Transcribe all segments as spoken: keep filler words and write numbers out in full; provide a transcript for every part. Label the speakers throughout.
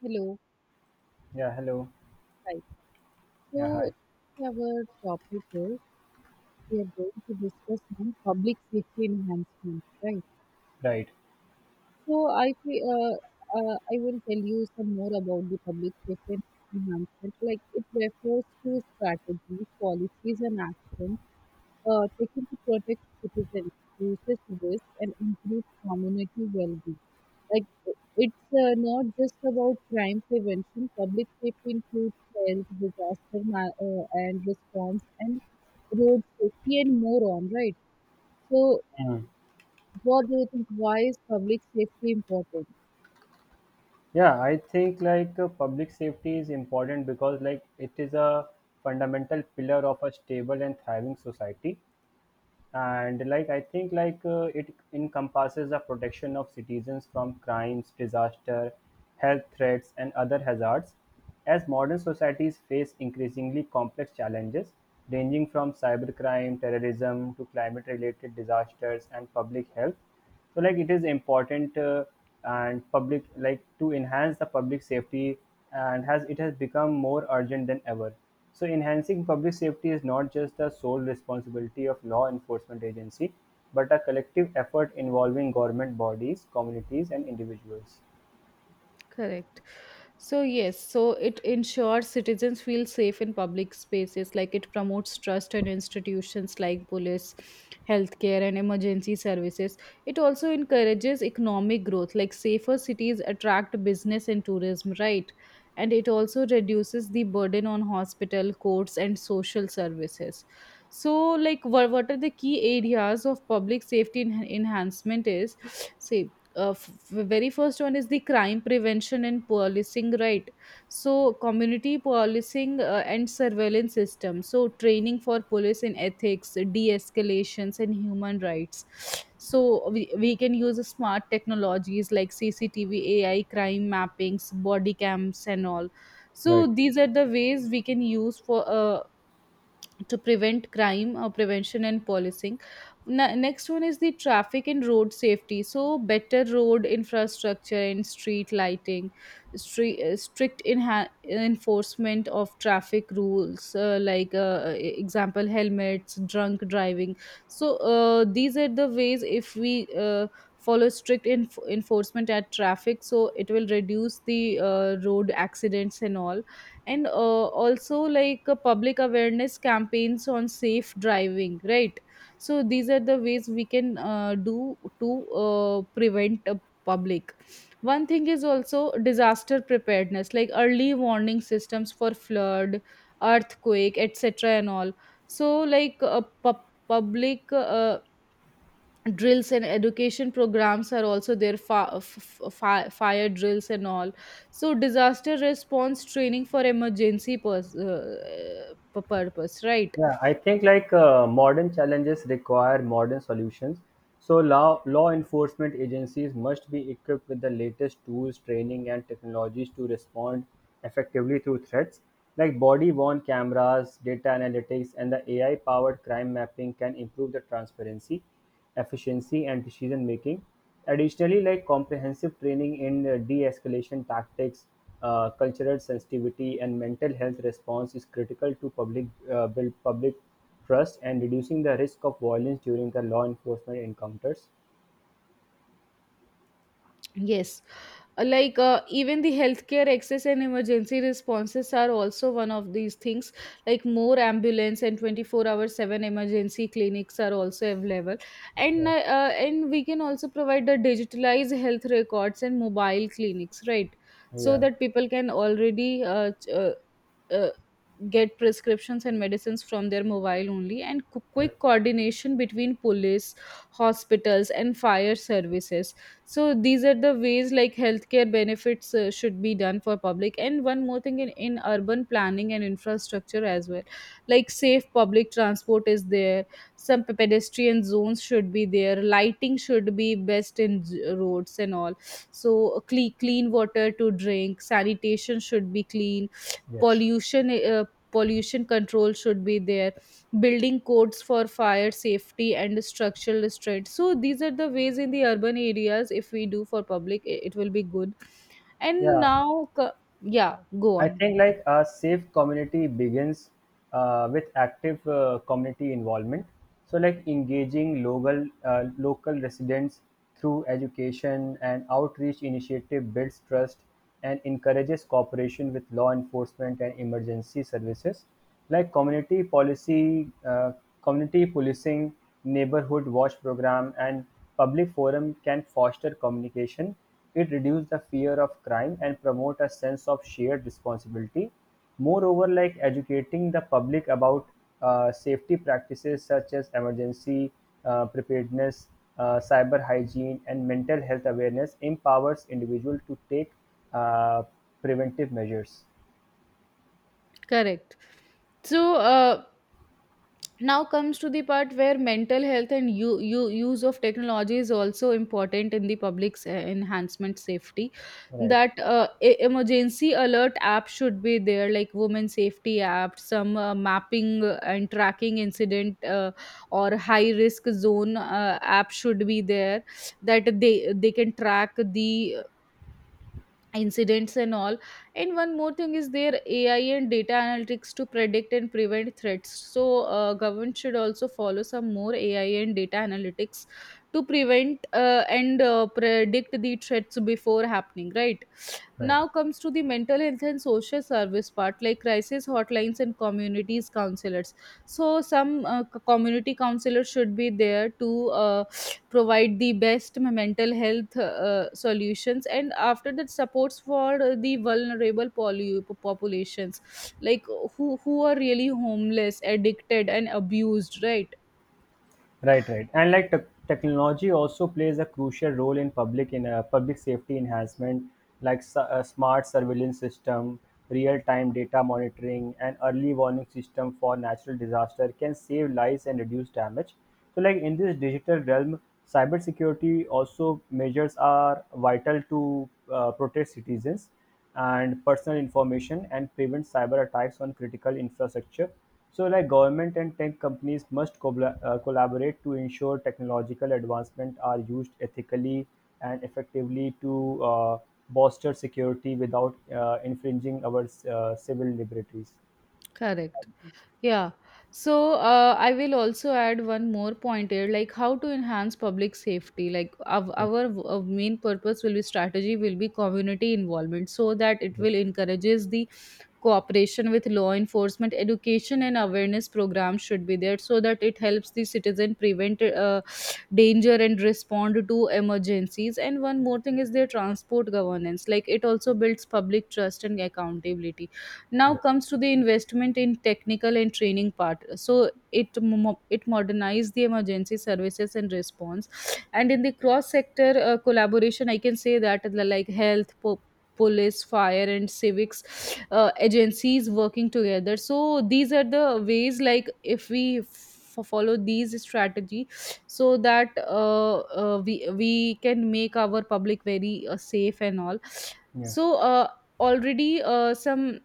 Speaker 1: Hello.
Speaker 2: Yeah, hello.
Speaker 1: Hi.
Speaker 2: Yeah,
Speaker 1: So
Speaker 2: hi.
Speaker 1: our topic is we are going to discuss on public safety enhancement, right?
Speaker 2: Right.
Speaker 1: So I fe- uh, uh, I will tell you some more about the public safety enhancement. Like it refers to strategies, policies, and actions uh, taken to protect citizens, reduces risk, and improves community well-being. Like i- it's uh, not just about crime prevention. Public safety includes health, disaster ma- uh, and response, and road safety, and more on. Right. So,
Speaker 2: Mm.
Speaker 1: what do you think? Why is public safety important?
Speaker 2: Yeah, I think like uh, public safety is important because like it is a fundamental pillar of a stable and thriving society. And like I think like uh, it encompasses the protection of citizens from crimes, disaster, health threats, and other hazards. As modern societies face increasingly complex challenges ranging from cybercrime, terrorism to climate related disasters and public health, so like it is important uh, and public like to enhance the public safety and has it has become more urgent than ever, so enhancing public safety is not just the sole responsibility of law enforcement agency but a collective effort involving government bodies communities and individuals.
Speaker 1: Correct. So, yes, so it ensures citizens feel safe in public spaces, like it promotes trust in institutions like police, healthcare, and emergency services. It also encourages economic growth, like safer cities attract business and tourism, right? And it also reduces the burden on hospital, courts, and social services. So, like, what, what are the key areas of public safety en- enhancement is? Say, uh, f- very first one is the crime prevention and policing, right? So community policing uh, and surveillance system. So training for police in ethics, de-escalations, and human rights. So we, we can use smart technologies like cctv ai crime mappings, body cams, and all. So
Speaker 2: Right.
Speaker 1: these are the ways we can use for uh, to prevent crime or prevention and policing. Na- next one is the traffic and road safety. So better road infrastructure and street lighting, stre- uh, strict inha- enforcement of traffic rules, uh, like uh, e- example helmets, drunk driving. So uh, these are the ways, if we uh, follow strict enf- enforcement at traffic, so it will reduce the uh, road accidents and all. And uh, also like uh, public awareness campaigns on safe driving, right? So these are the ways we can uh, do to uh, prevent a public. One thing is also disaster preparedness, like early warning systems for flood, earthquake, etc. and all. So like a pub- public uh, drills and education programs are also there, fa- f- f- fire drills and all. So disaster response training for emergency pers- uh, purpose, right?
Speaker 2: Yeah, I think like uh, modern challenges require modern solutions. So law law enforcement agencies must be equipped with the latest tools, training, and technologies to respond effectively to threats. Like body-worn cameras, data analytics, and the A I-powered crime mapping can improve the transparency efficiency and decision-making. Additionally, like comprehensive training in uh, de-escalation tactics, uh, cultural sensitivity, and mental health response is critical to public uh, build public trust and reducing the risk of violence during the law enforcement encounters.
Speaker 1: Yes. Uh, like uh, even the healthcare access and emergency responses are also one of these things. Like more ambulance and twenty four hour seven emergency clinics are also available, and
Speaker 2: Yeah,
Speaker 1: uh, uh, and we can also provide the digitalized health records and mobile clinics, right? So
Speaker 2: yeah,
Speaker 1: that people can already uh, ch- uh, uh, get prescriptions and medicines from their mobile only, and qu-
Speaker 2: right.
Speaker 1: quick coordination between police, hospitals, and fire services. So these are the ways like healthcare benefits uh, should be done for public. And one more thing, in, in urban planning and infrastructure as well. Like safe public transport is there, some pe- pedestrian zones should be there, lighting should be best in z- roads and all. So clean, clean water to drink, sanitation should be clean,
Speaker 2: Yes.
Speaker 1: pollution uh, pollution control should be there, building codes for fire safety and structural restraint. So these are the ways in the urban areas, if we do for public, it, it will be good. And
Speaker 2: Yeah,
Speaker 1: now co- yeah, go
Speaker 2: I
Speaker 1: on.
Speaker 2: think like a safe community begins uh, with active uh, community involvement. So like engaging local uh, local residents through education and outreach initiative builds trust and encourages cooperation with law enforcement and emergency services. Like community policy, uh, community policing, neighborhood watch program, and public forum can foster communication, it reduces the fear of crime and promote a sense of shared responsibility. Moreover, like educating the public about uh, safety practices such as emergency uh, preparedness, uh, cyber hygiene, and mental health awareness empowers individuals to take uh, preventive measures.
Speaker 1: Correct. So uh, now comes to the part where mental health and you, you use of technology is also important in the public's uh, enhancement safety.
Speaker 2: Right,
Speaker 1: That uh, e- emergency alert app should be there, like women safety app, some uh, mapping uh, and tracking incident, uh, or high risk zone uh, app should be there, that they they can track the incidents and all. And one more thing is their ai and data analytics to predict and prevent threats. So uh, government should also follow some more ai and data analytics to prevent uh, and uh, predict the threats before happening, right?
Speaker 2: right.
Speaker 1: Now comes to the mental health and social service part, like crisis hotlines and communities counselors. So some uh, c- community counselors should be there to uh, provide the best mental health uh, solutions. And after that, supports for the vulnerable poly- populations, like who who are really homeless, addicted, and abused, right?
Speaker 2: Right, right. And like tech technology also plays a crucial role in public in uh, public safety enhancement, like su- uh, smart surveillance system, real-time data monitoring, and early warning system for natural disaster can save lives and reduce damage. So, like in this digital realm, cybersecurity also measures are vital to uh, protect citizens and personal information and prevent cyber attacks on critical infrastructure. So, like government and tech companies must cobla- uh, collaborate to ensure technological advancement are used ethically and effectively to uh, bolster security without uh, infringing our uh, civil liberties.
Speaker 1: Correct. Yeah. So uh, I will also add one more point here, like how to enhance public safety. Like our, our uh, main purpose will be strategy will be community involvement, so that it
Speaker 2: Yeah.
Speaker 1: will encourages the cooperation with law enforcement. Education and awareness programs should be there so that it helps the citizen prevent uh, danger and respond to emergencies. And one more thing is their transport governance, like it also builds public trust and accountability. Now comes to the investment in technical and training part. So it mo- it modernized the emergency services and response. And in the cross sector uh, collaboration, I can say that like health po- police, fire, and civics uh, agencies working together. So these are the ways like, if we f- follow these strategy, so that uh, uh, we we can make our public very uh, safe and all.
Speaker 2: Yeah.
Speaker 1: So uh, already uh, some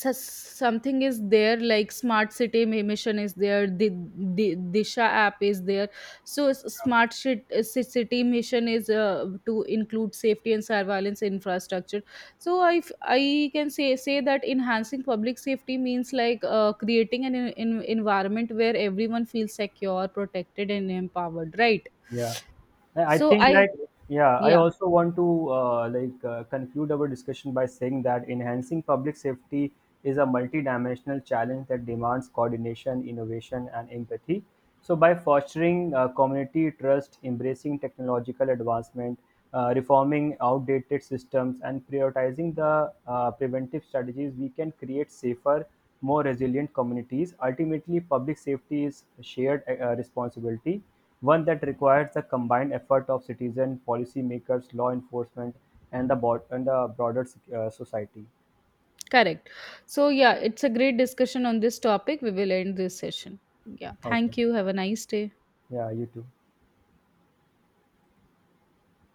Speaker 1: so- something is there, like smart city Mi- mission is there, the, the disha app is there. So s- smart Shit- uh, Ci- city mission is uh, to include safety and surveillance infrastructure. So i f- I can say say that enhancing public safety means like uh, creating an en- en- environment where everyone feels secure, protected, and empowered, right?
Speaker 2: Yeah, I I
Speaker 1: so
Speaker 2: think
Speaker 1: I
Speaker 2: like yeah, I
Speaker 1: yeah
Speaker 2: also want to uh, like uh, conclude our discussion by saying that enhancing public safety is a multidimensional challenge that demands coordination, innovation, and empathy. So, by fostering uh, community trust, embracing technological advancement, uh, reforming outdated systems, and prioritizing the uh, preventive strategies, we can create safer, more resilient communities. Ultimately, public safety is a shared uh, responsibility one that requires the combined effort of citizens, policymakers, law enforcement, and the bo- and the broader sec- uh, society.
Speaker 1: Correct. So, yeah, it's a great discussion on this topic. We will end this session. Yeah.
Speaker 2: Okay.
Speaker 1: Thank you. Have a nice day.
Speaker 2: Yeah, you too.